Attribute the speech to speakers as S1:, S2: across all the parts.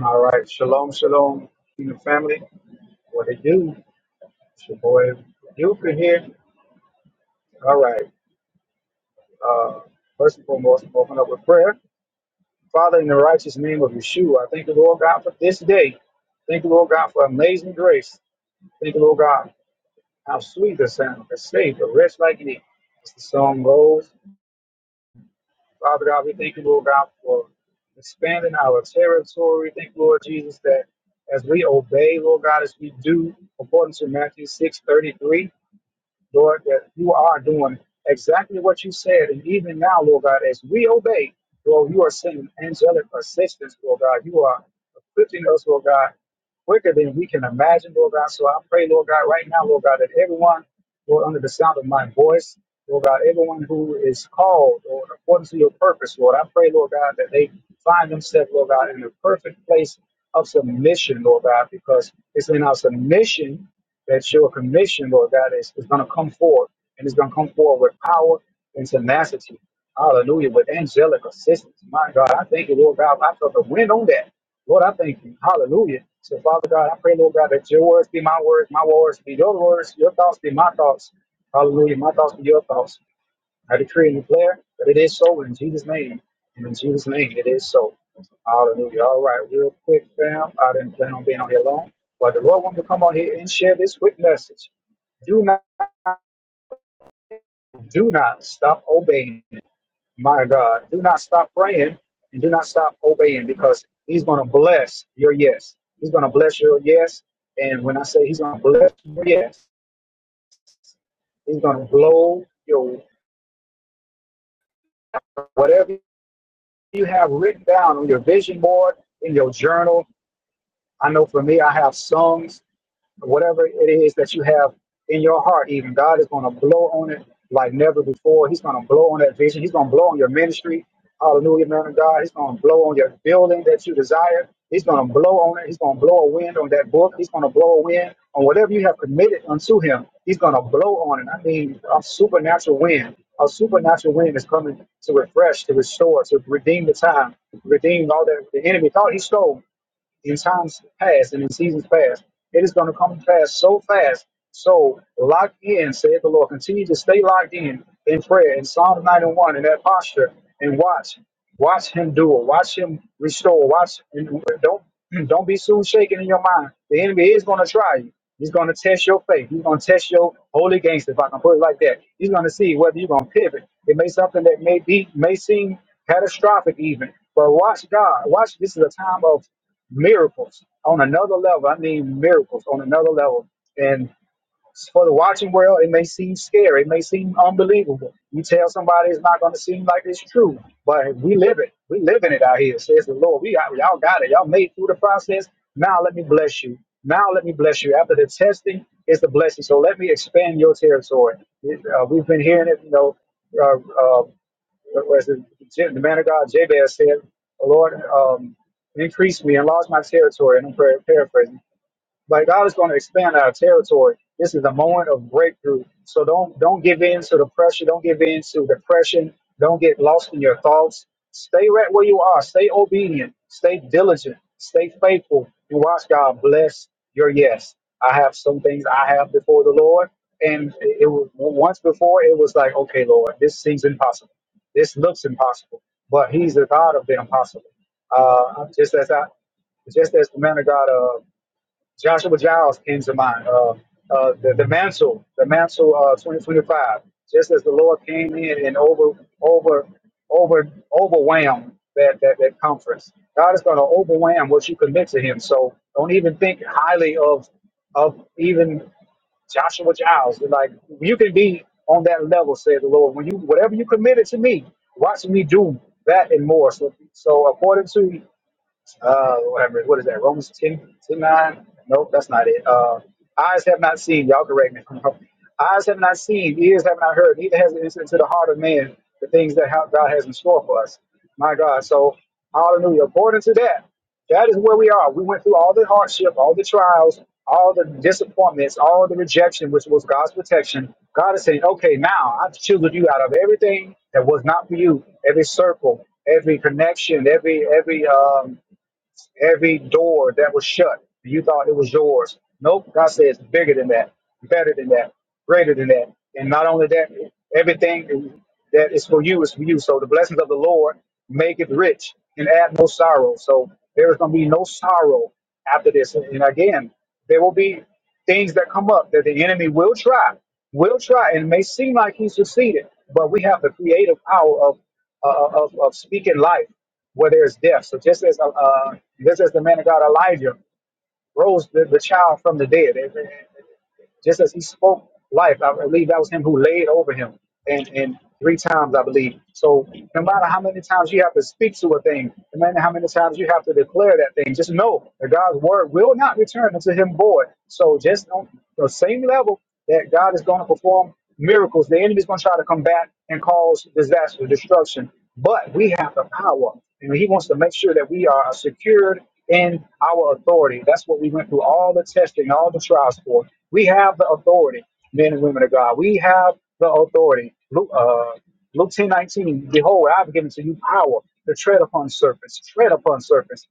S1: All right, shalom, shalom, kingdom family. What it do? It's your boy Yuka here. All right. Uh, first and foremost, I'm open up with prayer. Father, in the righteous name of Yeshua, I thank the Lord God, for this day. Thank the Lord God, for amazing grace. Thank the Lord God, how sweet the sound that saved a wretch like me. As the song goes, Father God, we thank you, Lord God, for expanding our territory. Thank you, Lord Jesus, that as we obey, Lord God, as we do according to Matthew six thirty three, Lord, that you are doing exactly what you said. And even now, Lord God, as we obey, Lord, you are sending angelic assistance, Lord God. You are equipping us, Lord God, quicker than we can imagine, Lord God. So I pray, Lord God, right now, Lord God, that everyone, Lord, under the sound of my voice, Lord God, everyone who is called or according to your purpose, Lord, I pray, Lord God, that they find themselves, Lord God, in the perfect place of submission, Lord God, because it's in our submission that your commission, Lord God, is, is going to come forward and it's going to come forward with power and tenacity. Hallelujah, with angelic assistance. My God, I thank you, Lord God. I felt the wind on that. Lord, I thank you. Hallelujah. So, Father God, I pray, Lord God, that your words be my words, my words be your words, your thoughts be my thoughts. Hallelujah. My thoughts be your thoughts. I decree and declare that it is so in Jesus' name. And in Jesus' name, it is so. Hallelujah. All right, real quick, fam. I didn't plan on being on here long, but the Lord wants to come on here and share this quick message. Do not, do not stop obeying. My God, do not stop praying and do not stop obeying because He's going to bless your yes. He's going to bless your yes. And when I say He's going to bless your yes, He's going to blow your whatever you have written down on your vision board, in your journal. I know for me, I have songs whatever it is that you have in your heart, even God is going to blow on it like never before. He's going to blow on that vision. He's going to blow on your ministry. Hallelujah, man of God. He's going to blow on your building that you desire. He's going to blow on it. He's going to blow a wind on that book. He's going to blow a wind on whatever you have committed unto him. He's going to blow on it. I mean, a supernatural wind. A supernatural wind is coming to refresh, to restore, to redeem the time, redeem all that the enemy thought he stole in times past and in seasons past. It is going to come to pass so fast. So lock in, said the Lord. Continue to stay locked in in prayer in Psalm 91 in that posture and watch. Watch him do it. Watch him restore. Watch and don't don't be soon shaken in your mind. The enemy is going to try you. He's going to test your faith. He's going to test your holy gangster, if I can put it like that. He's going to see whether you're going to pivot. It may something that may be may seem catastrophic even. But watch God. Watch. This is a time of miracles on another level. I mean, miracles on another level. And for the watching world, it may seem scary, it may seem unbelievable. You tell somebody it's not going to seem like it's true, but we live it. We living it out here, says the Lord. We got, y'all got it. Y'all made through the process. Now let me bless you. Now let me bless you. After the testing is the blessing. So let me expand your territory. Uh, we've been hearing it, you know, uh, uh, as the, the man of God Jabez said, Lord, um, increase me, enlarge my territory, and I'm par- paraphrasing but God is going to expand our territory. This is a moment of breakthrough. So don't don't give in to the pressure. Don't give in to depression. Don't get lost in your thoughts. Stay right where you are. Stay obedient. Stay diligent. Stay faithful. And watch God bless your yes. I have some things I have before the Lord. And it was once before it was like, okay, Lord, this seems impossible. This looks impossible. But He's the God of the impossible. Uh, just as I just as the man of God uh, Joshua Giles came to mind. Uh, uh, the, the mantle, the mantle, uh, 2025. Just as the Lord came in and over, over, over, overwhelmed that that, that conference, God is going to overwhelm what you commit to Him. So don't even think highly of of even Joshua Giles. Like you can be on that level, said the Lord. When you whatever you committed to me, watch me do that and more. So, so according to uh, whatever. What is that? Romans 10, 10 9. Nope, that's not it. Uh, eyes have not seen. Y'all correct me. eyes have not seen, ears have not heard, neither has it entered into the heart of man the things that how God has in store for us. My God. So, hallelujah. According to that, that is where we are. We went through all the hardship, all the trials, all the disappointments, all the rejection, which was God's protection. God is saying, okay, now I've chosen you out of everything that was not for you, every circle, every connection, every every um, Every door that was shut, you thought it was yours. Nope, God says bigger than that, better than that, greater than that. And not only that, everything that is for you is for you. So the blessings of the Lord make it rich and add no sorrow. So there is going to be no sorrow after this. And again, there will be things that come up that the enemy will try, will try, and it may seem like he succeeded, but we have the creative power of, uh, of, of speaking life where there's death. So just as uh, uh, just as the man of God Elijah rose the, the child from the dead, it- it- just as he spoke life, I believe that was him who laid over him, and and three times I believe. So no matter how many times you have to speak to a thing, no matter how many times you have to declare that thing, just know that God's word will not return unto him void. So just on the same level that God is going to perform miracles, the enemy's going to try to come back and cause disaster, destruction but we have the power. And he wants to make sure that we are secured in our authority. That's what we went through all the testing, all the trials for. We have the authority, men and women of God. We have the authority. Luke, uh, Luke 10, 19. behold, I've given to you power to tread upon serpents, tread upon serpents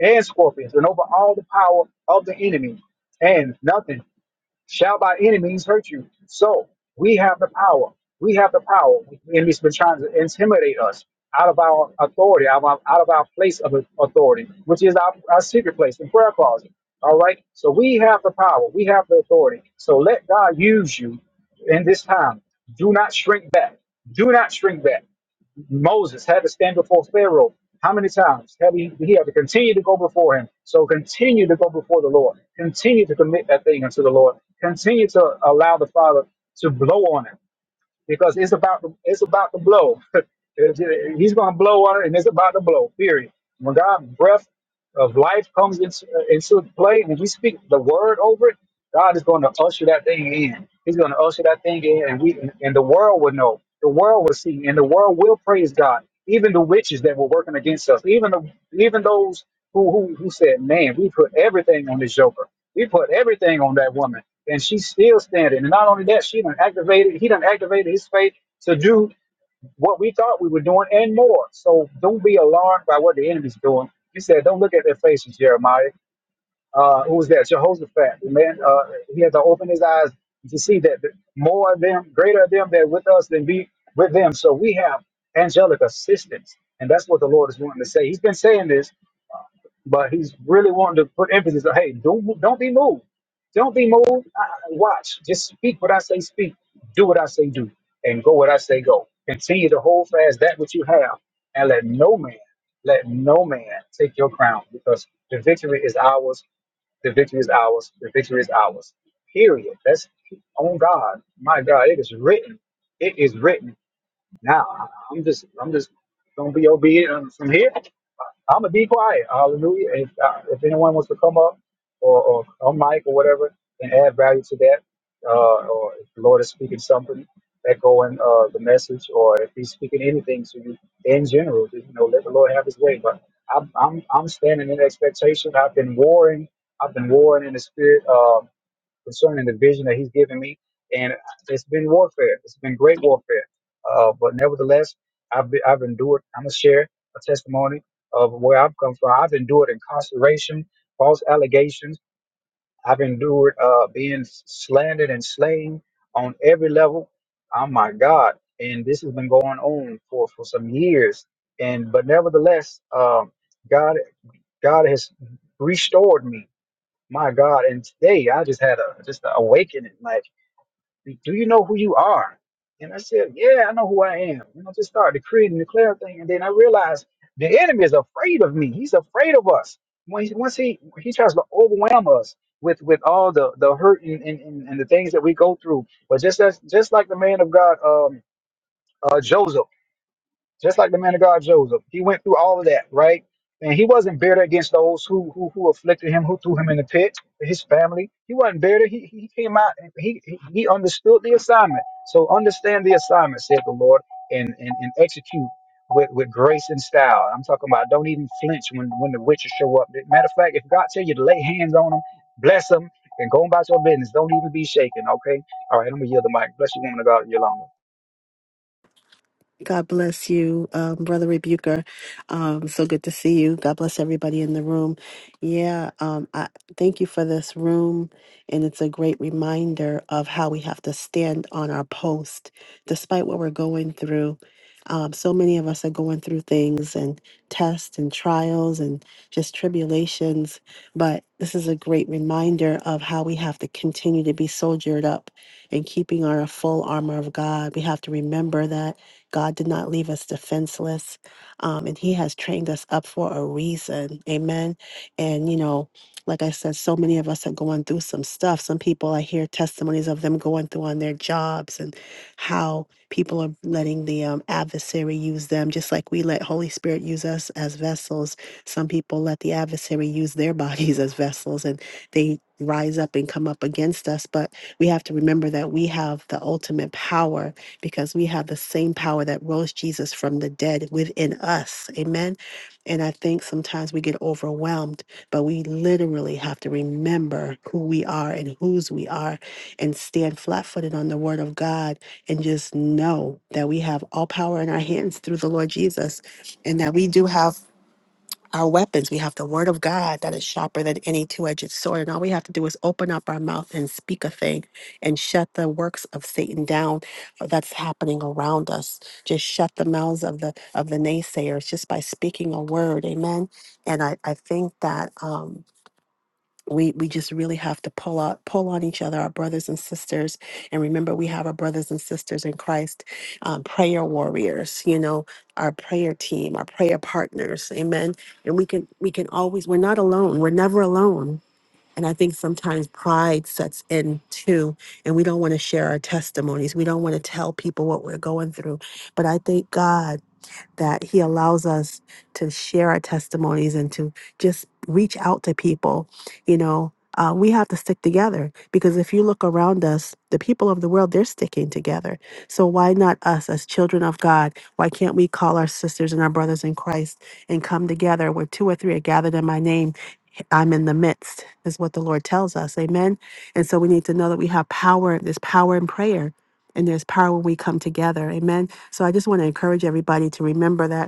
S1: and scorpions, and over all the power of the enemy, and nothing shall by any means hurt you. So we have the power. We have the power. The enemy's been trying to intimidate us out of our authority, out of our, out of our place of authority, which is our, our secret place, the prayer closet. All right. So we have the power. We have the authority. So let God use you in this time. Do not shrink back. Do not shrink back. Moses had to stand before Pharaoh. How many times have he, he had to continue to go before him? So continue to go before the Lord. Continue to commit that thing unto the Lord. Continue to allow the Father to blow on it because it's about the, it's about the blow. It's- He's going to blow on it, and it's about to blow. Period. When God breath of life comes into into play, and we speak the word over it, God is going to usher that thing in. He's going to usher that thing in, and we and the world will know. The world will see, and the world will praise God. Even the witches that were working against us, even the, even those who who, who said, "Man, we put everything on this joker." We put everything on that woman, and she's still standing. And not only that, she done activated. He done activated his faith to do what we thought we were doing and more. So don't be alarmed by what the enemy's doing. He said, "Don't look at their faces, Jeremiah." Uh, who was that? Jehoshaphat. The man, uh, he had to open his eyes to see that the more of them, greater of them, that are with us than be with them. So we have angelic assistance, and that's what the Lord is wanting to say. He's been saying this but he's really wanting to put emphasis on, hey, don't don't be moved, don't be moved. I, watch, just speak what I say, speak, do what I say, do, and go what I say, go. Continue to hold fast that which you have, and let no man, let no man take your crown, because the victory is ours. The victory is ours. The victory is ours. Period. That's on God. My God, it is written. It is written. Now I- am just I'm just gonna be obedient um, from here. I'm gonna be quiet. Hallelujah. If uh, if anyone wants to come up or, or on mic or whatever and add value to that, uh, or if the Lord is speaking something, echoing uh, the message, or if He's speaking anything to you in general, just, you know, let the Lord have His way. But I'm I'm, I'm standing in expectation. I've been warring. I've been warring in the spirit. Um, concerning the vision that he's given me. And it's been warfare. It's been great warfare. Uh, but nevertheless, I've, been, I've endured. I'm going to share a testimony of where I've come from. I've endured incarceration, false allegations. I've endured uh, being slandered and slain on every level. Oh my God. And this has been going on for, for some years. And but nevertheless, um, God God has restored me my God. And today I just had a just an awakening. Like, do you know who you are? And I said, Yeah, I know who I am. And I just started decreeing and declaring thing. And then I realized the enemy is afraid of me. He's afraid of us. When he, once he he tries to overwhelm us with with all the the hurt and, and, and, and the things that we go through. But just as just like the man of God, um, uh, Joseph just like the man of God Joseph. He went through all of that, right? And he wasn't bitter against those who who, who afflicted him, who threw him in the pit, his family. He wasn't bitter. He he he came out. and He he he understood the assignment. So understand the assignment, said the Lord, and and, and execute. With, with grace and style. I'm talking about don't even flinch when, when the witches show up. Matter of fact, if God tell you to lay hands on them, bless them, and go about your business, don't even be shaken, okay? All right, I'm going to yield the mic. Bless you, woman of God. You're alone.
S2: God bless you, um, Brother Rebuker. Um, so good to see you. God bless everybody in the room. Yeah, um, I thank you for this room, and it's a great reminder of how we have to stand on our post, despite what we're going through. Um, so many of us are going through things and tests and trials and just tribulations, but this is a great reminder of how we have to continue to be soldiered up and keeping our full armor of God. We have to remember that God did not leave us defenseless, um, and He has trained us up for a reason. Amen. And, you know, like I said, so many of us are going through some stuff. Some people, I hear testimonies of them going through on their jobs and how people are letting the um, adversary use them, just like we let Holy Spirit use us as vessels. Some people let the adversary use their bodies as vessels and they rise up and come up against us. But we have to remember that we have the ultimate power because we have the same power that rose Jesus from the dead within us. Amen. And I think sometimes we get overwhelmed, but we literally have to remember who we are and whose we are and stand flat footed on the word of God and just know that we have all power in our hands through the Lord Jesus and that we do have our weapons. We have the word of God that is sharper than any two edged sword. And all we have to do is open up our mouth and speak a thing and shut the works of Satan down that's happening around us. Just shut the mouths of the of the naysayers just by speaking a word. Amen. And I, I think that um we we just really have to pull out pull on each other our brothers and sisters and remember we have our brothers and sisters in christ um, prayer warriors you know our prayer team our prayer partners amen and we can we can always we're not alone we're never alone and i think sometimes pride sets in too and we don't want to share our testimonies we don't want to tell people what we're going through but i thank god that He allows us to share our testimonies and to just reach out to people. You know, uh, we have to stick together because if you look around us, the people of the world, they're sticking together. So why not us as children of God? Why can't we call our sisters and our brothers in Christ and come together where two or three are gathered in my name? I'm in the midst, is what the Lord tells us. Amen. And so we need to know that we have power. There's power in prayer, and there's power when we come together. Amen. So I just want to encourage everybody to remember that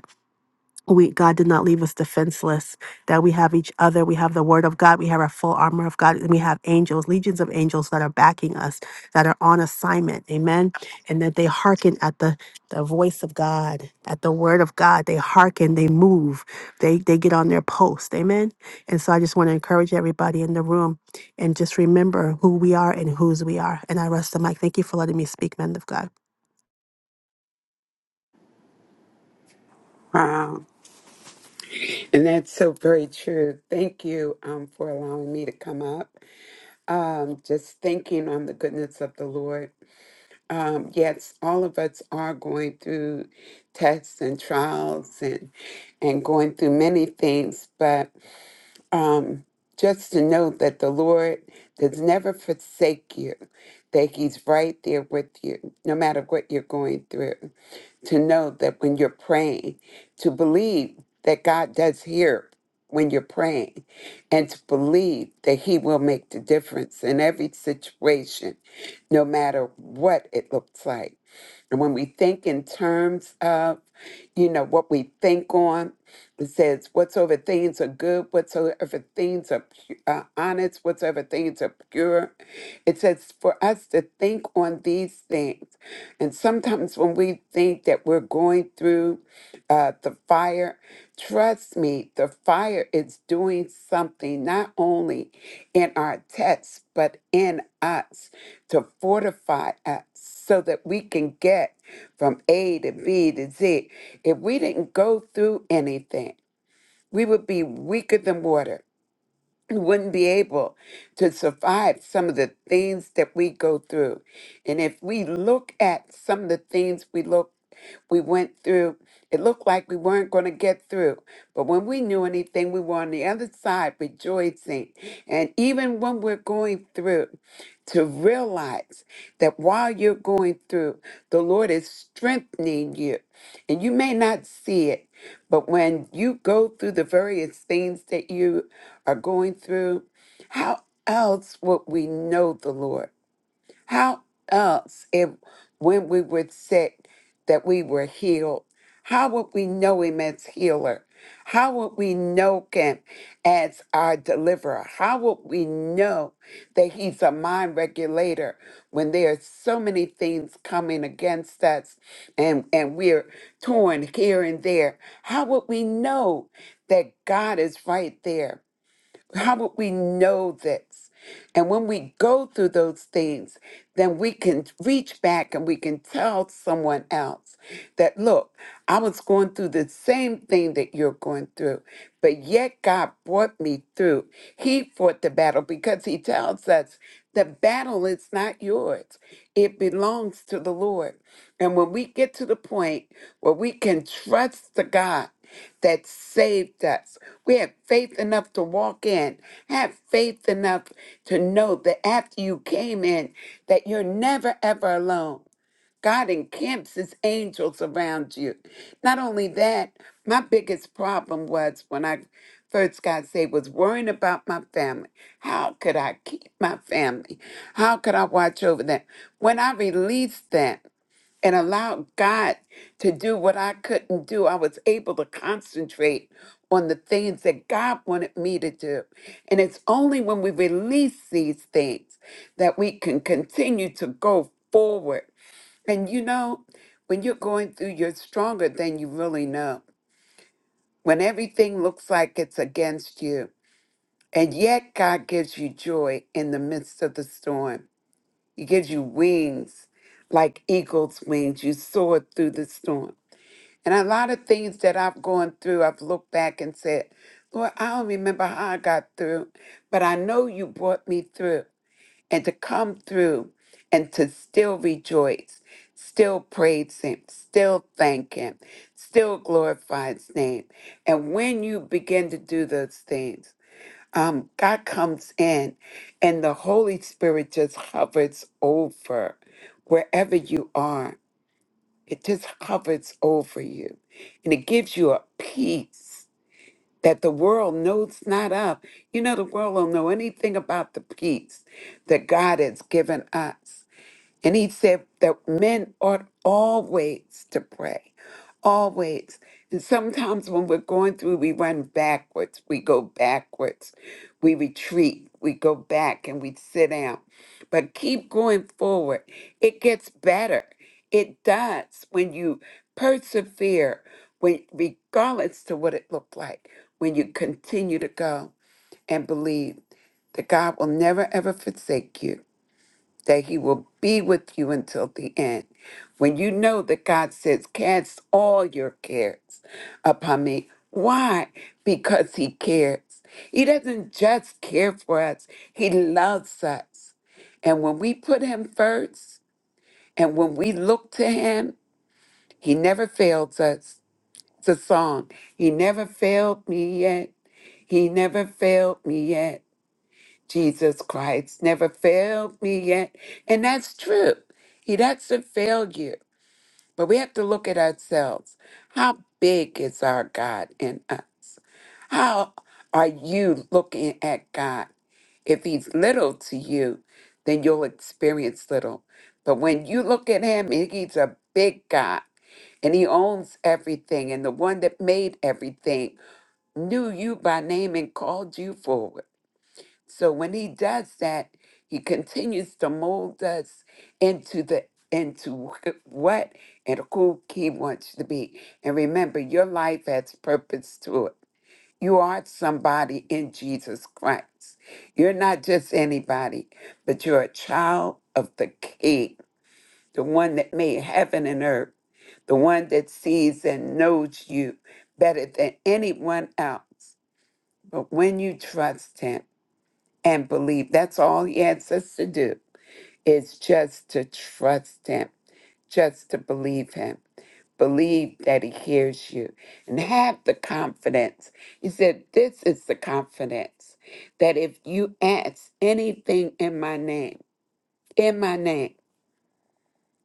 S2: we God did not leave us defenseless, that we have each other, we have the word of God, we have our full armor of God, and we have angels, legions of angels that are backing us, that are on assignment, amen. And that they hearken at the the voice of God, at the word of God. They hearken, they move, they they get on their post, amen. And so I just want to encourage everybody in the room and just remember who we are and whose we are. And I rest the mic. Thank you for letting me speak, men of God.
S3: Wow. And that's so very true. Thank you um, for allowing me to come up. Um, just thinking on the goodness of the Lord. Um, yes, all of us are going through tests and trials and and going through many things, but um, just to know that the Lord does never forsake you, that He's right there with you, no matter what you're going through. to know that when you're praying, to believe that God does hear when you're praying, and to believe that He will make the difference in every situation, no matter what it looks like. And when we think in terms of, you know, what we think on, it says, whatsoever things are good, whatsoever things are pu- uh, honest, whatsoever things are pure. It says for us to think on these things. And sometimes when we think that we're going through uh, the fire, trust me, the fire is doing something not only in our text, but in us to fortify us so that we can get from A to B to Z. If we didn't go through anything, we would be weaker than water who wouldn't be able to survive some of the things that we go through. And if we look at some of the things we look we went through, it looked like we weren't going to get through. But when we knew anything, we were on the other side rejoicing. And even when we're going through, to realize that while you're going through, the Lord is strengthening you. And you may not see it, but when you go through the various things that you are going through, how else would we know the Lord? How else, if when we were sick, that we were healed? How would we know Him as healer? How would we know Him as our deliverer? How would we know that He's a mind regulator when there are so many things coming against us and, and we're torn here and there? How would we know that God is right there? How would we know this? And when we go through those things, then we can reach back and we can tell someone else that, look, I was going through the same thing that you're going through, but yet God brought me through. He fought the battle because He tells us the battle is not yours, it belongs to the Lord. And when we get to the point where we can trust the God, that saved us. We have faith enough to walk in, have faith enough to know that after you came in, that you're never ever alone. God encamps his angels around you. Not only that, my biggest problem was when I first got saved was worrying about my family. How could I keep my family? How could I watch over them? When I released them and allowed God to do what I couldn't do. I was able to concentrate on the things that God wanted me to do. And it's only when we release these things that we can continue to go forward. And you know, when you're going through, you're stronger than you really know. When everything looks like it's against you, and yet God gives you joy in the midst of the storm, He gives you wings like eagle's wings. You soar through the storm. And a lot of things that I've gone through, I've looked back and said, Lord, I don't remember how I got through, but I know you brought me through. And to come through and to still rejoice, still praise Him, still thank Him, still glorify His name. And when you begin to do those things, um, God comes in and the Holy Spirit just hovers over wherever you are. It just hovers over you and it gives you a peace that the world knows not of. You know, the world don't know anything about the peace that God has given us. And he said that men ought always to pray, always. And sometimes when we're going through, we run backwards, we go backwards, we retreat, we go back and we sit down. But keep going forward. It gets better. It does when you persevere, when regardless to what it looked like, when you continue to go and believe that God will never ever forsake you that he will be with you until the end. When you know that God says, Cast all your cares upon me. Why? Because he cares. He doesn't just care for us, he loves us. And when we put him first and when we look to him, he never fails us. It's a song. He never failed me yet. He never failed me yet. Jesus Christ never failed me yet. And that's true. He doesn't fail you. But we have to look at ourselves. How big is our God in us? How are you looking at God? If he's little to you, then you'll experience little. But when you look at him, and he's a big God and he owns everything. And the one that made everything knew you by name and called you forward. So when he does that, he continues to mold us into the into wh- what and who he wants you to be. And remember, your life has purpose to it. You are somebody in Jesus Christ. You're not just anybody, but you're a child of the King, the one that made heaven and earth, the one that sees and knows you better than anyone else. But when you trust him, and believe. That's all he asks us to do is just to trust him, just to believe him. Believe that he hears you and have the confidence. He said, This is the confidence that if you ask anything in my name, in my name,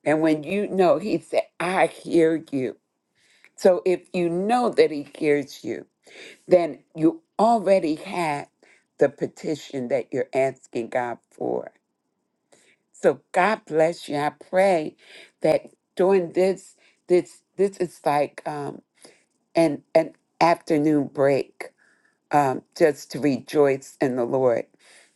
S3: and when you know, he said, I hear you. So if you know that he hears you, then you already have the petition that you're asking God for. So God bless you. I pray that during this, this, this is like um, an an afternoon break um, just to rejoice in the Lord.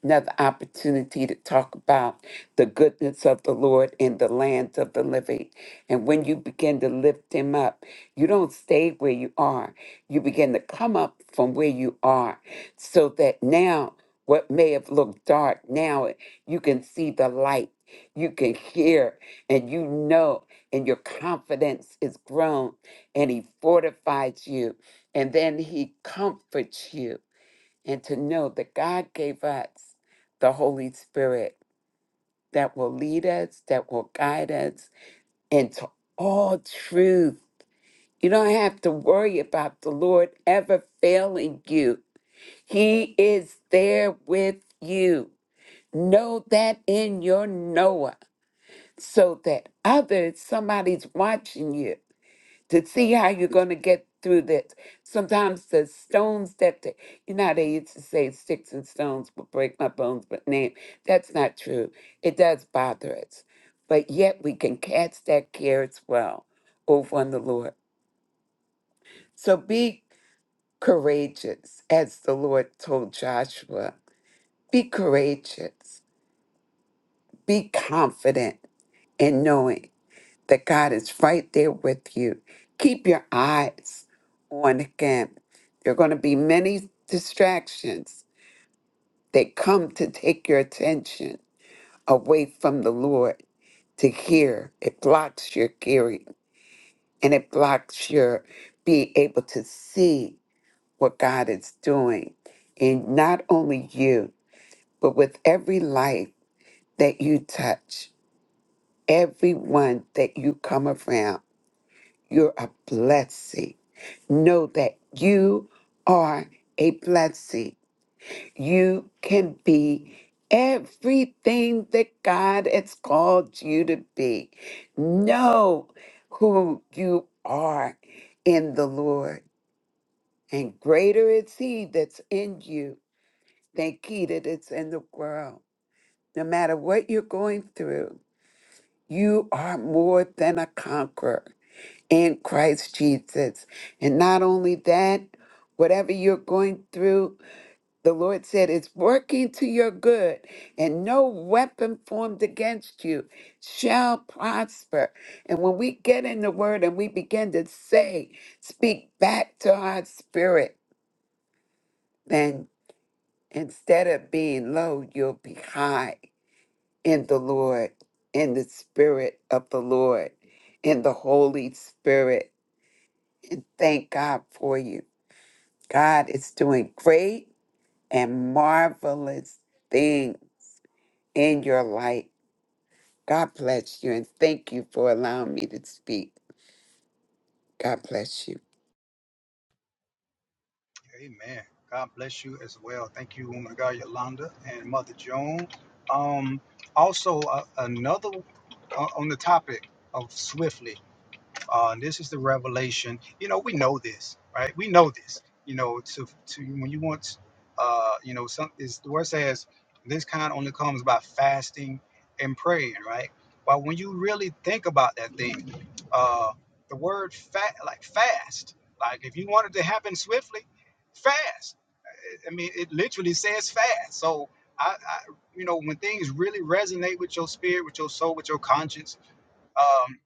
S3: Another opportunity to talk about the goodness of the Lord in the land of the living. And when you begin to lift Him up, you don't stay where you are. You begin to come up from where you are so that now what may have looked dark, now you can see the light. You can hear and you know, and your confidence is grown, and He fortifies you and then he comforts you. And to know that God gave us the Holy Spirit that will lead us, that will guide us into all truth. You don't have to worry about the Lord ever failing you. He is there with you. Know that in your Noah, so that others, somebody's watching you to see how you're going to get through this. Sometimes the stones that the, you know how they used to say sticks and stones will break my bones, but name that's not true. It does bother us, but yet we can cast that care as well over on the Lord. So be courageous, as the Lord told Joshua. Be courageous. Be confident in knowing. that God is right there with you. Keep your eyes on Him. There are going to be many distractions that come to take your attention away from the Lord to hear. It blocks your hearing and it blocks your being able to see what God is doing in not only you, but with every life that you touch, everyone that you come around. You're a blessing know that you are a blessing. You can be everything that God has called you to be. Know who you are in the Lord, and greater is He that's in you than He that is in the world. No matter what you're going through, you are more than a conqueror. in Christ Jesus. And not only that, whatever you're going through, the Lord said it's working to your good, and no weapon formed against you shall prosper. And when we get in the word and we begin to say, speak back to our spirit, then instead of being low, you'll be high in the Lord, in the spirit of the Lord, in the Holy Spirit. And thank God for you. God is doing great and marvelous thing in your life. God bless you and thank you for allowing me to speak. God bless you.
S1: Amen. God bless you as well. Thank you, woman of God, Yolanda and Mother Joan. Um, also, uh, another uh, on the topic of swiftly. Uh, this is the revelation. You know, we know this, right? We know this. You know, to to when you want, uh, you know, some is the word says this kind only comes by fasting and praying, right? But when you really think about that thing, uh, the word like fast, like swiftly fast. It says fast. So I, I you know, when Jones, um,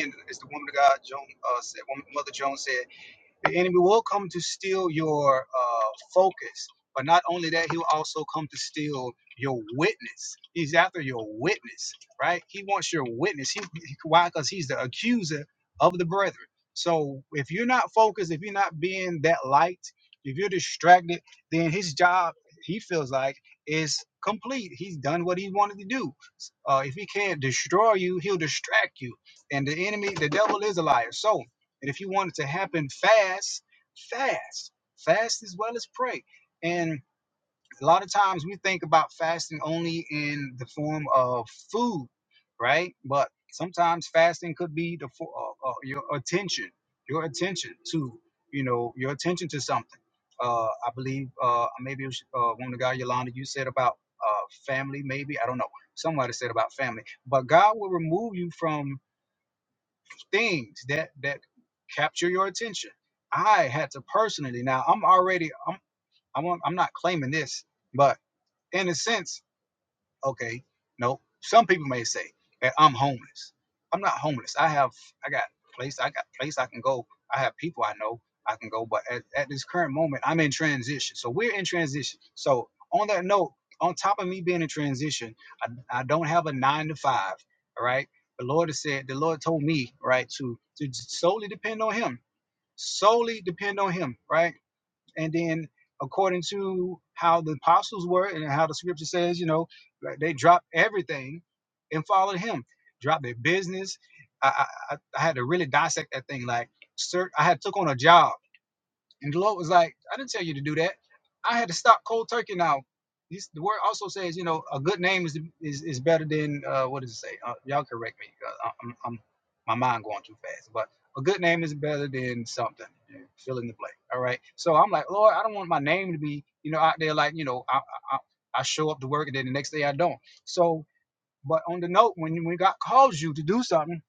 S1: and it's the woman of God, Joan, uh, said, woman, Mother Jones said, the enemy will come to steal your uh, focus, but not only that, he'll also come to steal your witness. He's after your witness, right? He wants your witness. he- why? Because he's the accuser of the brethren. So if you're not focused, if you're not being that light, if you're distracted, then his job, he feels like, is complete. He's done what he wanted to do Uh, if he can't destroy you, he'll distract you. And the enemy, the devil is a liar. So, and if you want it to happen fast, fast, fast as well as pray. And a lot of times we think about fasting only in the form of food, right? But sometimes fasting could be the for, uh, uh, your attention, your attention to, you know, your attention to something. Uh, I believe uh, maybe it was, uh, one of the guy Yolanda you said about uh, family, maybe I don't know. Somebody said about family, but God will remove you from things that that capture your attention. I had to personally. Now I'm already. I'm. I'm. I'm not claiming this, but in a sense, okay, no, some people may say that I'm homeless. I'm not homeless. I have, I got place, I got place I can go. I have people I know I can go. But at, at this current moment, I'm in transition. So we're in transition. So on that note, on top of me being in transition, I, I don't have a nine to five. All right. The Lord has said, the Lord told me, right, to to solely depend on Him, solely depend on Him, right and then according to how the apostles were and how the scripture says you know like, they dropped everything and followed him dropped their business i i, I I had to really dissect that thing like sir i had took on a job and the Lord was like, I didn't tell you to do that. I had to stop cold turkey. Now, this, the word also says, you know, a good name is is, is better than uh, what does it say? Uh, y'all correct me. I- I'm, I'm my mind going too fast, but a good name is better than something. you know, Fill in the blank. All right. So I'm like, Lord, I don't want my name to be, you know, out there like, you know, I, I I show up to work and then the next day I don't. So, but on the note, when when God calls you to do something,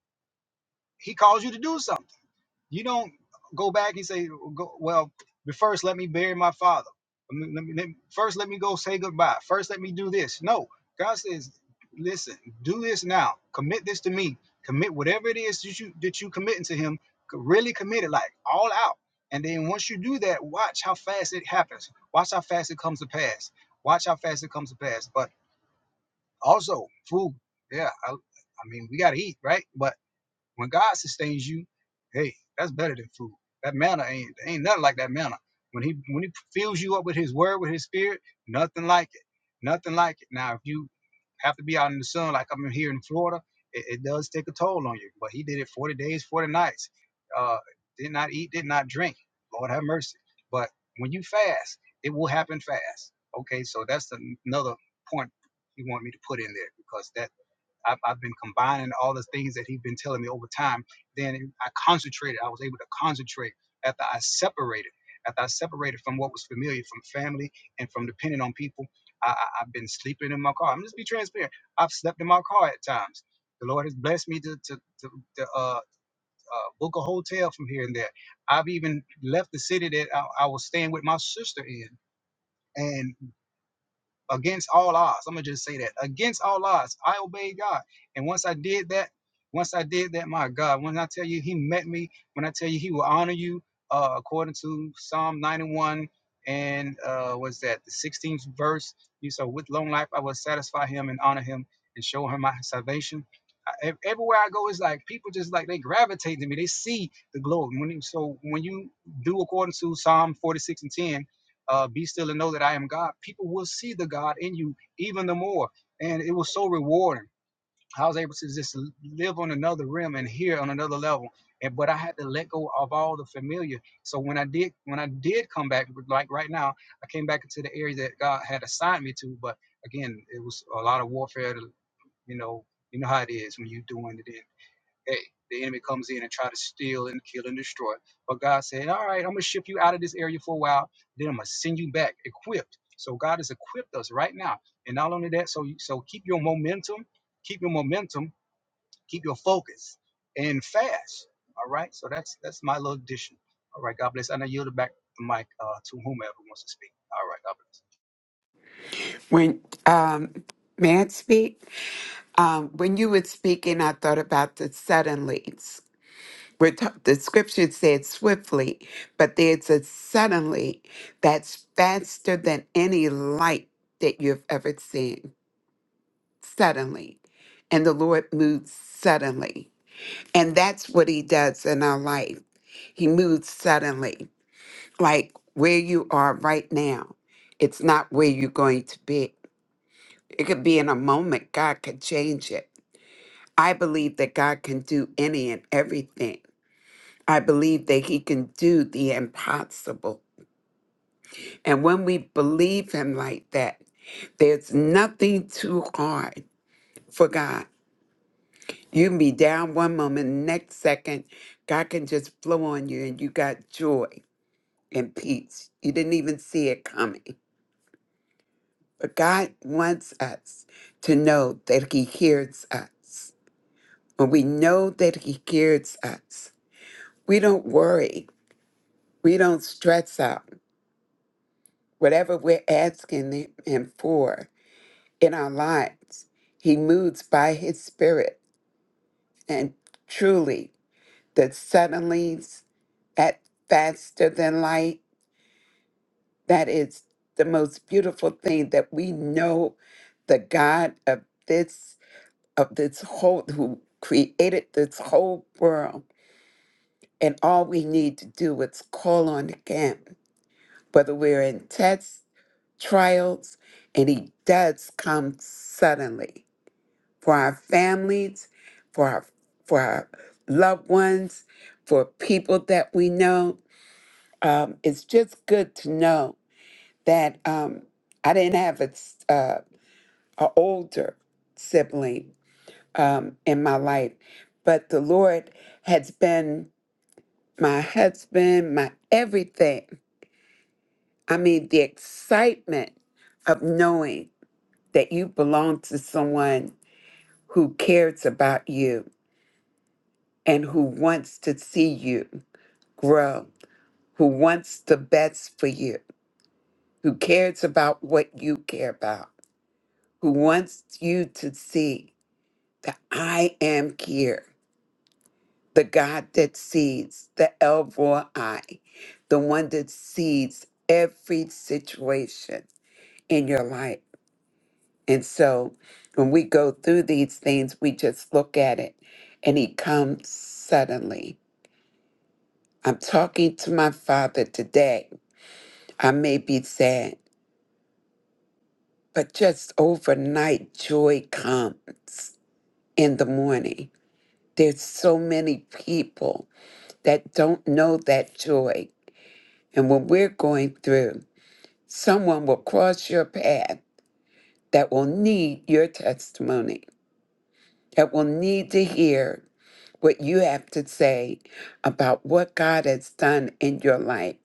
S1: He calls you to do something you don't go back and say, go, well, but first let me bury my father. Let me, let me, first let me go say goodbye. First let me do this. No, God says, listen, do this now. Commit this to me. Commit whatever it is that you that you committing to Him. Really commit it, like all out. And then once you do that, watch how fast it happens. Watch how fast it comes to pass. Watch how fast it comes to pass. But also food. Yeah, I, I mean we gotta eat, right? But when God sustains you, hey, that's better than food. That manna ain't ain't nothing like that manna. When he when he fills you up with his word, with his spirit, nothing like it. Nothing like it. Now, if you have to be out in the sun like I'm here in Florida, it, it does take a toll on you. But he did it 40 days, 40 nights. Uh, did not eat, did not drink. Lord have mercy. But when you fast, it will happen fast. Okay, so that's another point you want me to put in there because that I've, I've been combining all the things that he's been telling me over time. Then I concentrated. I was able to concentrate after I separated. After I separated from what was familiar, from family and from depending on people, I, I, I've been sleeping in my car. I'm just be transparent. I've slept in my car at times. The Lord has blessed me to, to, to, to uh, uh, book a hotel from here and there. I've even left the city that I, I was staying with my sister in. and against all odds. I'm gonna just say that against all odds, I obeyed God. And once I did that, once I did that, my God, when I tell you He met me, when I tell you He will honor you, uh, according to Psalm 91 and uh, was that the 16th verse? You said, with long life I will satisfy Him and honor Him and show Him my salvation. I, e, everywhere I go, it's like people just like they gravitate to me. They see the glory. When so when you do according to Psalm 46 and 10 uh, be still and know that I am God, people will see the God in you even the more. And it was so rewarding. I was able to just live on another rim and hear on another level. And but I had to let go of all the familiar. So when I did when I did come back, like right now, I came back into the area that God had assigned me to. But again, it was a lot of warfare. To, you know, you know how it is when you're doing it. Hey, the enemy comes in and try to steal and kill and destroy. But God said, All right, I'm gonna ship you out of this area for a while, then I'm gonna send you back equipped. So God has equipped us right now. And not only that, so you so keep your momentum, keep your momentum, keep your focus and fast. All right. So that's that's my little addition. All right, God bless. And I yield back the mic uh, to whomever wants to speak. All right, God
S3: When um may I speak? Um when you were speaking, I thought about the suddenly. We're ta- the scripture said swiftly, but there's a suddenly that's faster than any light that you've ever seen. Suddenly. And the Lord moves suddenly. And that's what he does in our life. He moves suddenly, like where you are right now. It's not where you're going to be. It could be in a moment, God could change it. I believe that God can do any and everything. I believe that He can do the impossible. And when we believe Him like that, there's nothing too hard for God. You can be down one moment, next second, God can just flow on you and you got joy and peace. You didn't even see it coming. But God wants us to know that He hears us. When we know that He hears us, we don't worry, we don't stress out. Whatever we're asking Him for in our lives, He moves by His Spirit. And truly, the suddenlies at faster than light, that is the most beautiful thing that we know the God of this of this whole who created this whole world and all we need to do is call on him whether we're in tests trials and he does come suddenly for our families for our for our loved ones for people that we know um, it's just good to know that um, i didn't have a, s- uh, a older sibling um, in my life. But the Lord has been my husband, my everything. I mean, the excitement of knowing that you belong to someone who cares about you and who wants to see you grow, who wants the best for you, who cares about what you care about, who wants you to see that I am here. the God that sees, the El Roi, the one that sees every situation in your life. And so when we go through these things, we just look at it and he comes suddenly. I'm talking to my father today. I may be sad, but just overnight joy comes in the morning. There's so many people that don't know that joy. And when we're going through, Someone will cross your path that will need your testimony, that will need to hear what you have to say about what God has done in your life.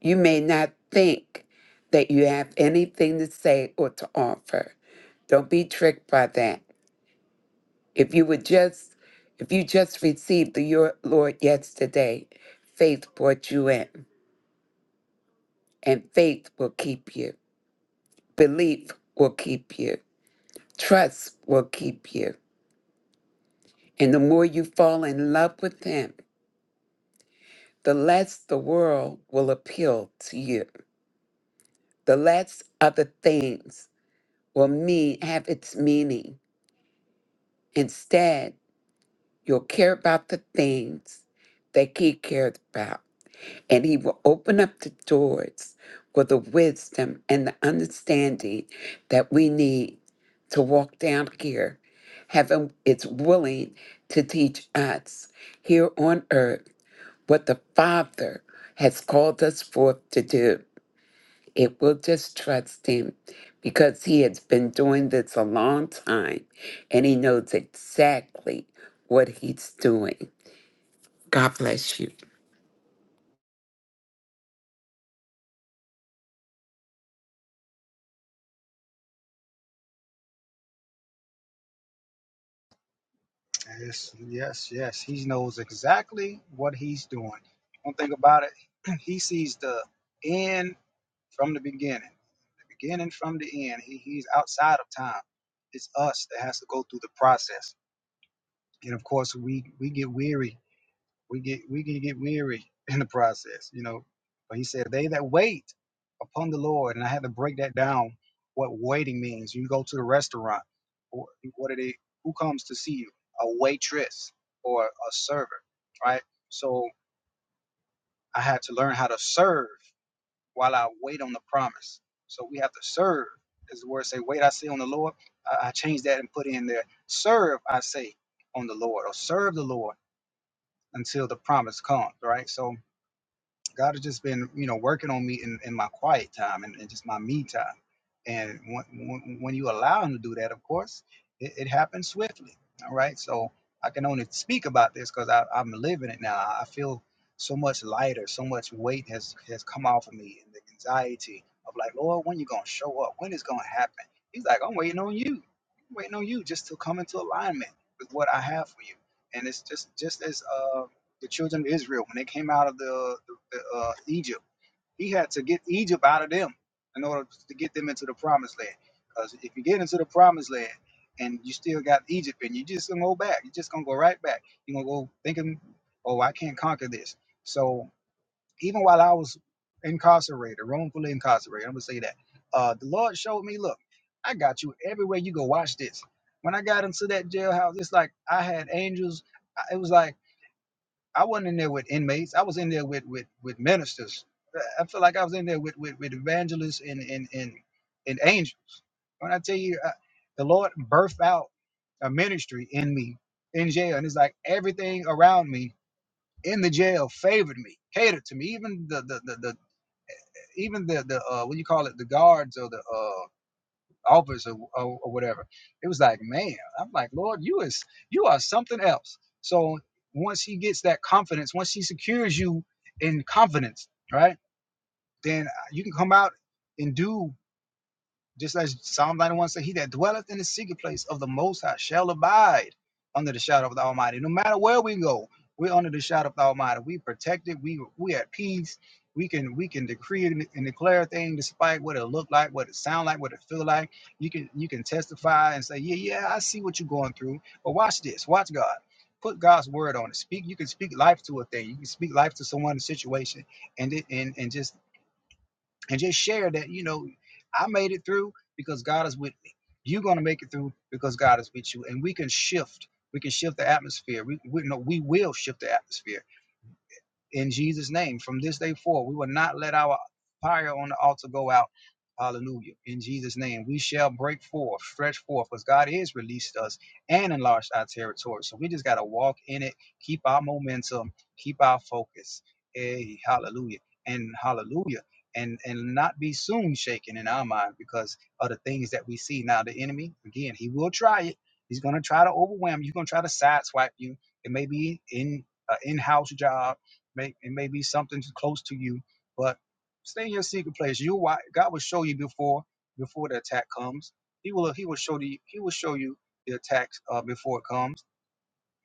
S3: You may not think that you have anything to say or to offer. Don't be tricked by that. If you would just if you just received the your Lord yesterday, faith brought you in, and faith will keep you. Belief will keep you. Trust will keep you. And the more you fall in love with Him, the less the world will appeal to you. The less other things will mean have its meaning. Instead, you'll care about the things that He cared about. And He will open up the doors for the wisdom and the understanding that we need to walk down here. Heaven is willing to teach us here on earth what the Father has called us forth to do. It will just trust Him because He has been doing this a long time and He knows exactly what He's doing. God bless you.
S1: bless. Yes, yes, yes. He knows exactly what he's doing. One thing about it, he sees the end from the beginning, the beginning from the end. He, he's outside of time. It's us that has to go through the process. And of course, we we get weary. We get we can get weary in the process, you know. But he said, "They that wait upon the Lord," and I had to break that down. What waiting means? You go to the restaurant. wh- What are they? Who comes to see you? A waitress or a server, right? So I had to learn how to serve while I wait on the promise. So we have to serve, as the word say, wait, I say on the Lord. I, I changed that and put in there, serve, I say, on the Lord, or serve the Lord until the promise comes, right? So God has just been, you know, working on me in, in my quiet time and, and just my me time. And when, when, when you allow him to do that, of course, it, it happens swiftly, all right? So I can only speak about this because I'm living it now. I feel so much lighter, so much weight has come off me, the anxiety of like, Lord, what? When it's gonna happen? He's like, I'm waiting on you. I'm waiting on you just to come into alignment with what I have for you. And it's just just as uh, the children of Israel when they came out of the, the, the uh, Egypt, he had to get Egypt out of them in order to get them into the promised land. Because if you get into the promised land and you still got Egypt and you just gonna go back, you're just gonna go right back. You're gonna go thinking, oh, I can't conquer this. So even while I was incarcerated, wrongfully incarcerated, I'm gonna say that. Uh, the Lord showed me, look, I got you everywhere you go. Watch this. When I got into that jailhouse, it's like I had angels. I- It was like I wasn't in there with inmates. I was in there with with with ministers. I I feel like I was in there with with, with evangelists and and and and angels. When I tell you, uh, the Lord birthed out a ministry in me in jail, and it's like everything around me in the jail favored me, catered to me. Even the the the, the even the the uh, what do you call it, the guards or the uh, officer or, or or whatever. It was like, man, I'm like, Lord, you is you are something else. So once he gets that confidence, once he secures you in confidence, right, then uh, you can come out and do just as Psalm 91 says, He that dwelleth in the secret place of the Most High shall abide under the shadow of the Almighty. No matter where we go, we're under the shadow of the Almighty. We protected. We we at peace. We can we can decree and, and declare a thing despite what it look like, what it sound like, what it feel like. You can you can testify and say, yeah, yeah, I see what you're going through. But watch this. Watch God. Put God's word on it. Speak. You can speak life to a thing. You can speak life to someone, a situation, and it, and and just and just share that you know i made it through because god is with me you're going to make it through because god is with you and we can shift we can shift the atmosphere we, we, no, we will shift the atmosphere in Jesus' name. From this day forward, we will not let our fire on the altar go out. Hallelujah. In Jesus' name, we shall break forth, stretch forth, because God has released us and enlarged our territory. So we just got to walk in it, keep our momentum, keep our focus. Hey, hallelujah. And hallelujah. And and not be soon shaken in our mind because of the things that we see. Now, the enemy, again, he will try it. He's going to try to overwhelm you. He's going to try to sideswipe you. It may be in an in-house job May it may be something close to you, but stay in your secret place. You why God will show you before before the attack comes. He will he will show you he will show you the attacks uh, before it comes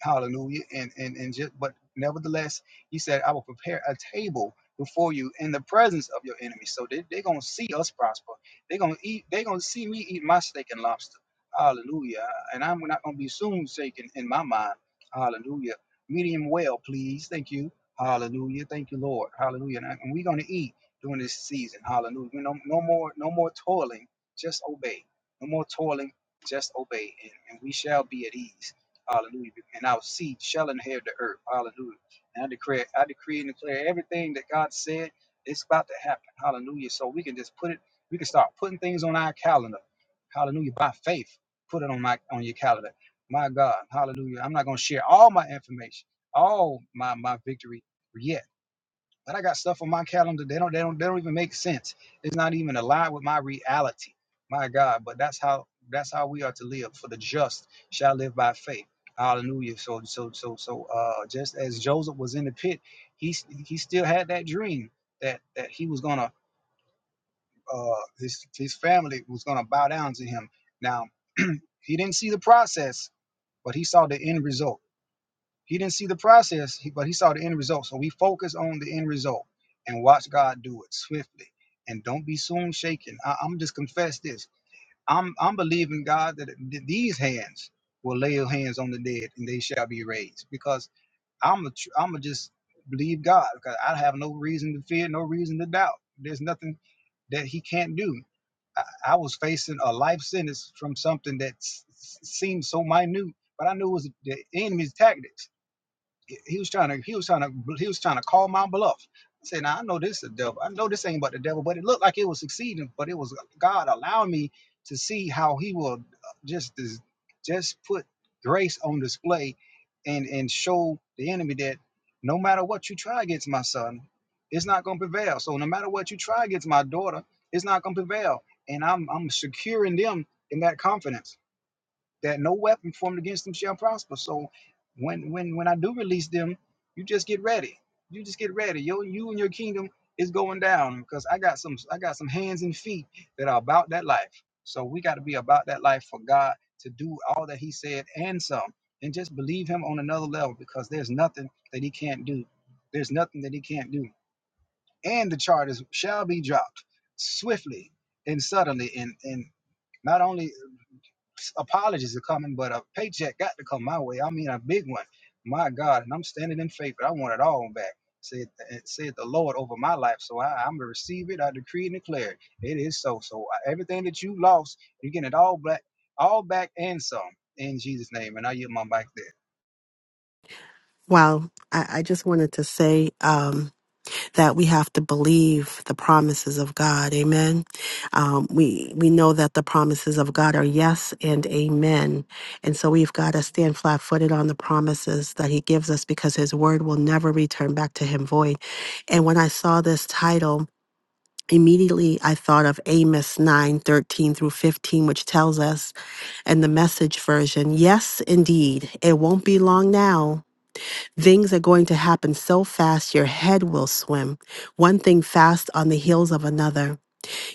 S1: Hallelujah. And and and just but nevertheless, he said, I will prepare a table before you in the presence of your enemies. So they, they're gonna see us prosper. They're gonna eat, they're gonna see me eat my steak and lobster. Hallelujah. And I'm not gonna be soon shaken in my mind. Hallelujah. Medium well, please. Thank you. Hallelujah. Thank you, Lord. Hallelujah. And, I- and we're gonna eat during this season. Hallelujah. No, no more, no more toiling, just obey. No more toiling, just obey. And, and we shall be at ease. Hallelujah. And our seed shall inherit the earth. Hallelujah. And I declare, I decree and declare everything that God said, it's about to happen. Hallelujah. So we can just put it, we can start putting things on our calendar. Hallelujah. By faith, put it on my on your calendar. My God. Hallelujah. I'm not gonna share all my information, all my my victory yet. But I got stuff on my calendar. They don't. They don't. They don't even make sense. It's not even aligned with my reality. My God. But that's how. That's how we are to live. For the just shall live by faith. Hallelujah. So so so so. Uh, just as Joseph was in the pit, he he still had that dream that that he was gonna. Uh, his his family was gonna bow down to him. Now he didn't see the process, but he saw the end result. He didn't see the process, but he saw the end result. So we focus on the end result and watch God do it swiftly. And don't be soon shaken. I, I'm just confess this. I'm I'm believing God that th- these hands will lay your hands on the dead. And I'm I have no can't. life just dis- just put grace on display and and show the enemy that no matter what you try against my son, it's not gonna prevail. So no matter what you try against my daughter, it's not gonna prevail. And I'm I'm securing them in that confidence that no weapon formed against them shall prosper. So when when when I do release them, you just get ready. You just get ready. Yo, you and your kingdom is going down because I got some I got some hands and feet that are about that life. So we got to be about that life for God to do all that He said and some, and just believe Him on another level because there's nothing that He can't do. There's nothing that He can't do. And the charges shall be dropped swiftly and suddenly, and and not only apologies are coming, but a paycheck got to come my way. I mean, a big one. My God, and I'm standing in faith. But I want it all back. Said, it said the Lord over my life. So I, I'm going to receive it. I decree and declare it. It is so. So I- everything that you lost, you're getting it all back, all back and some in Jesus' name. And I yield my back there.
S2: Wow. I, I just wanted to say um, that we have to believe the promises of God. Amen. Um, we we know that the promises of God are yes and amen, and so we've got to stand flat-footed on the promises that He gives us because His word will never return back to Him void. And when I saw this title. Immediately I thought of Amos 9 13 through 15, which tells us in the message version, Yes, indeed, it won't be long now. Things are going to happen so fast your head will swim, one thing fast on the heels of another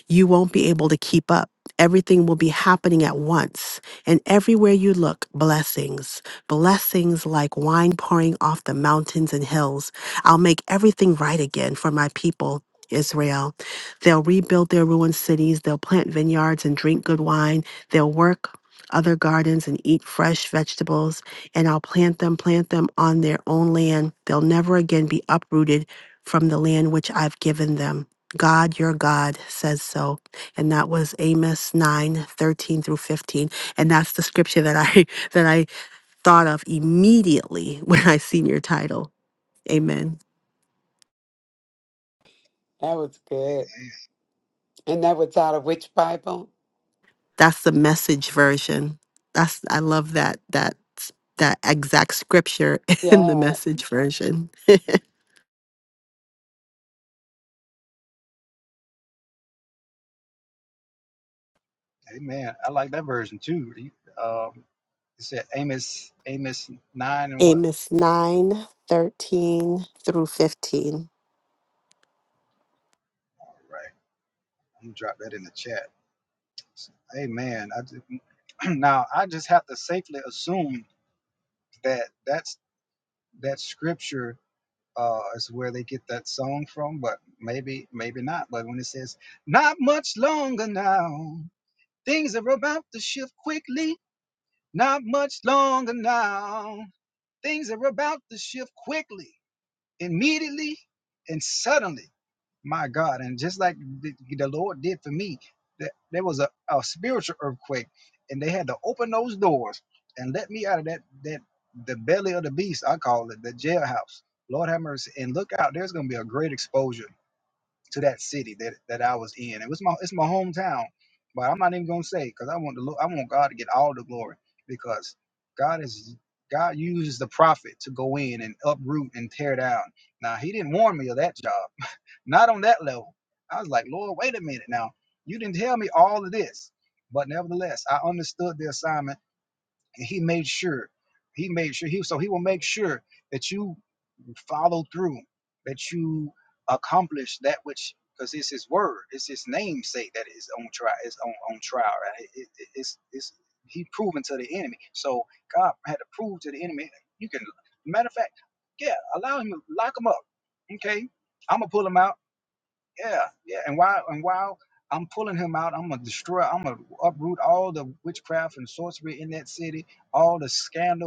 S2: you won't be able to keep up. Everything will be happening at once. And everywhere you look, blessings, blessings like wine pouring off the mountains and hills. I'll make everything right again for my people. Israel. They'll rebuild their ruined cities. They'll plant vineyards and drink good wine. They'll work other gardens and eat fresh vegetables. And I'll plant them, plant them on their own land. They'll never again be uprooted from the land which I've given them. God, your God says so. And that was Amos 9 13 through 15. And that's the scripture that I that I thought of immediately when I seen your title. Amen.
S3: That was good. And that was out of which Bible?
S2: That's the message version. That's I love that that s- that exact scripture in the
S3: Yeah.
S2: message version.
S1: Amen.
S2: Amos 9 13 through 15.
S1: Things are about to shift quickly, immediately. My God. And just like the, the Lord did for me, that you accomplish that which fact,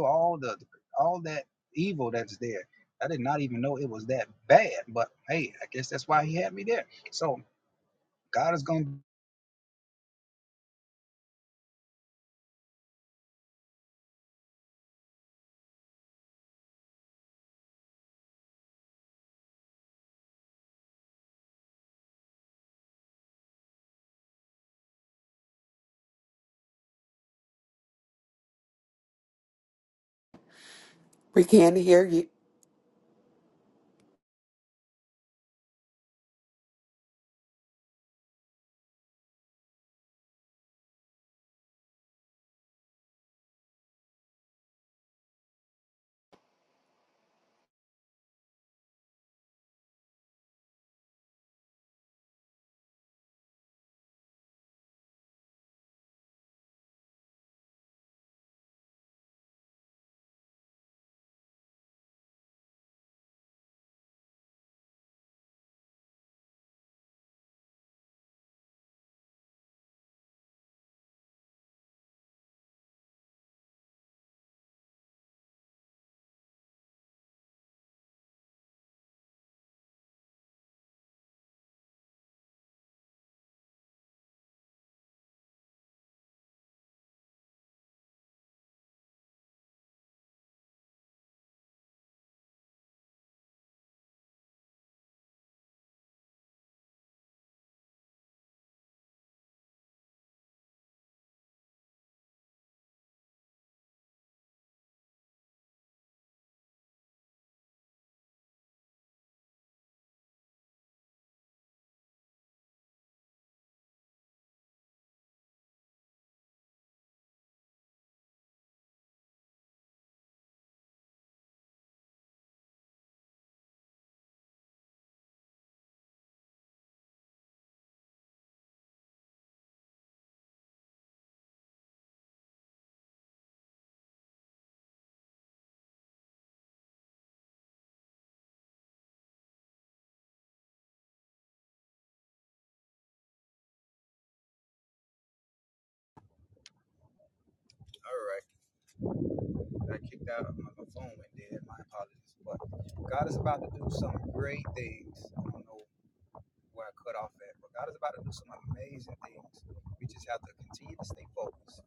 S1: all the all that evil that's there. I did not even know it was that bad. But hey, I guess that's why he had me there. So God is gonna
S3: We can't hear you.
S1: I keep going there. My apologies. But grace, I don't know which is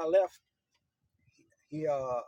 S1: I uh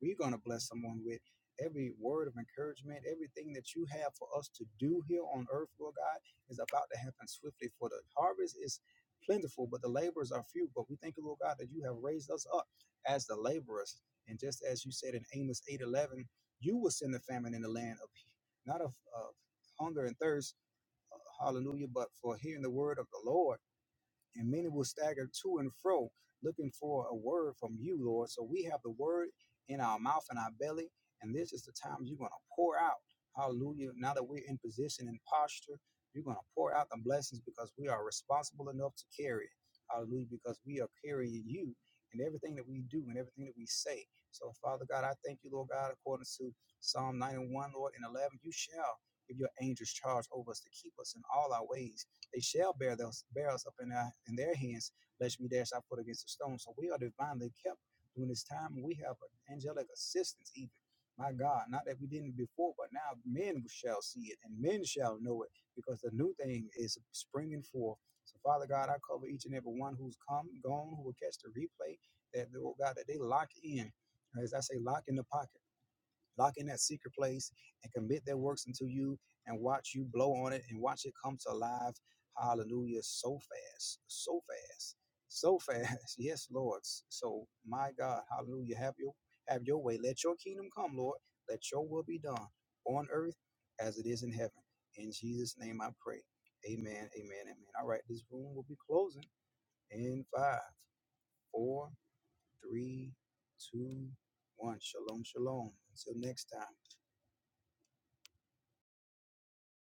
S1: we're bless someone shall give your angels charge over us to keep us in all our ways. They shall bear those bear us up in our in their hands, lest we dash our foot against a stone. So we are divinely kept during this time, we have angelic assistance even. My God, not that we didn't before, now men shall see it and men shall know it, because the new thing is springing forth. So, Father God, I cover each and every one who's come, gone, who will catch the replay, that, oh God, that they lock in as I say, lock in the pocket.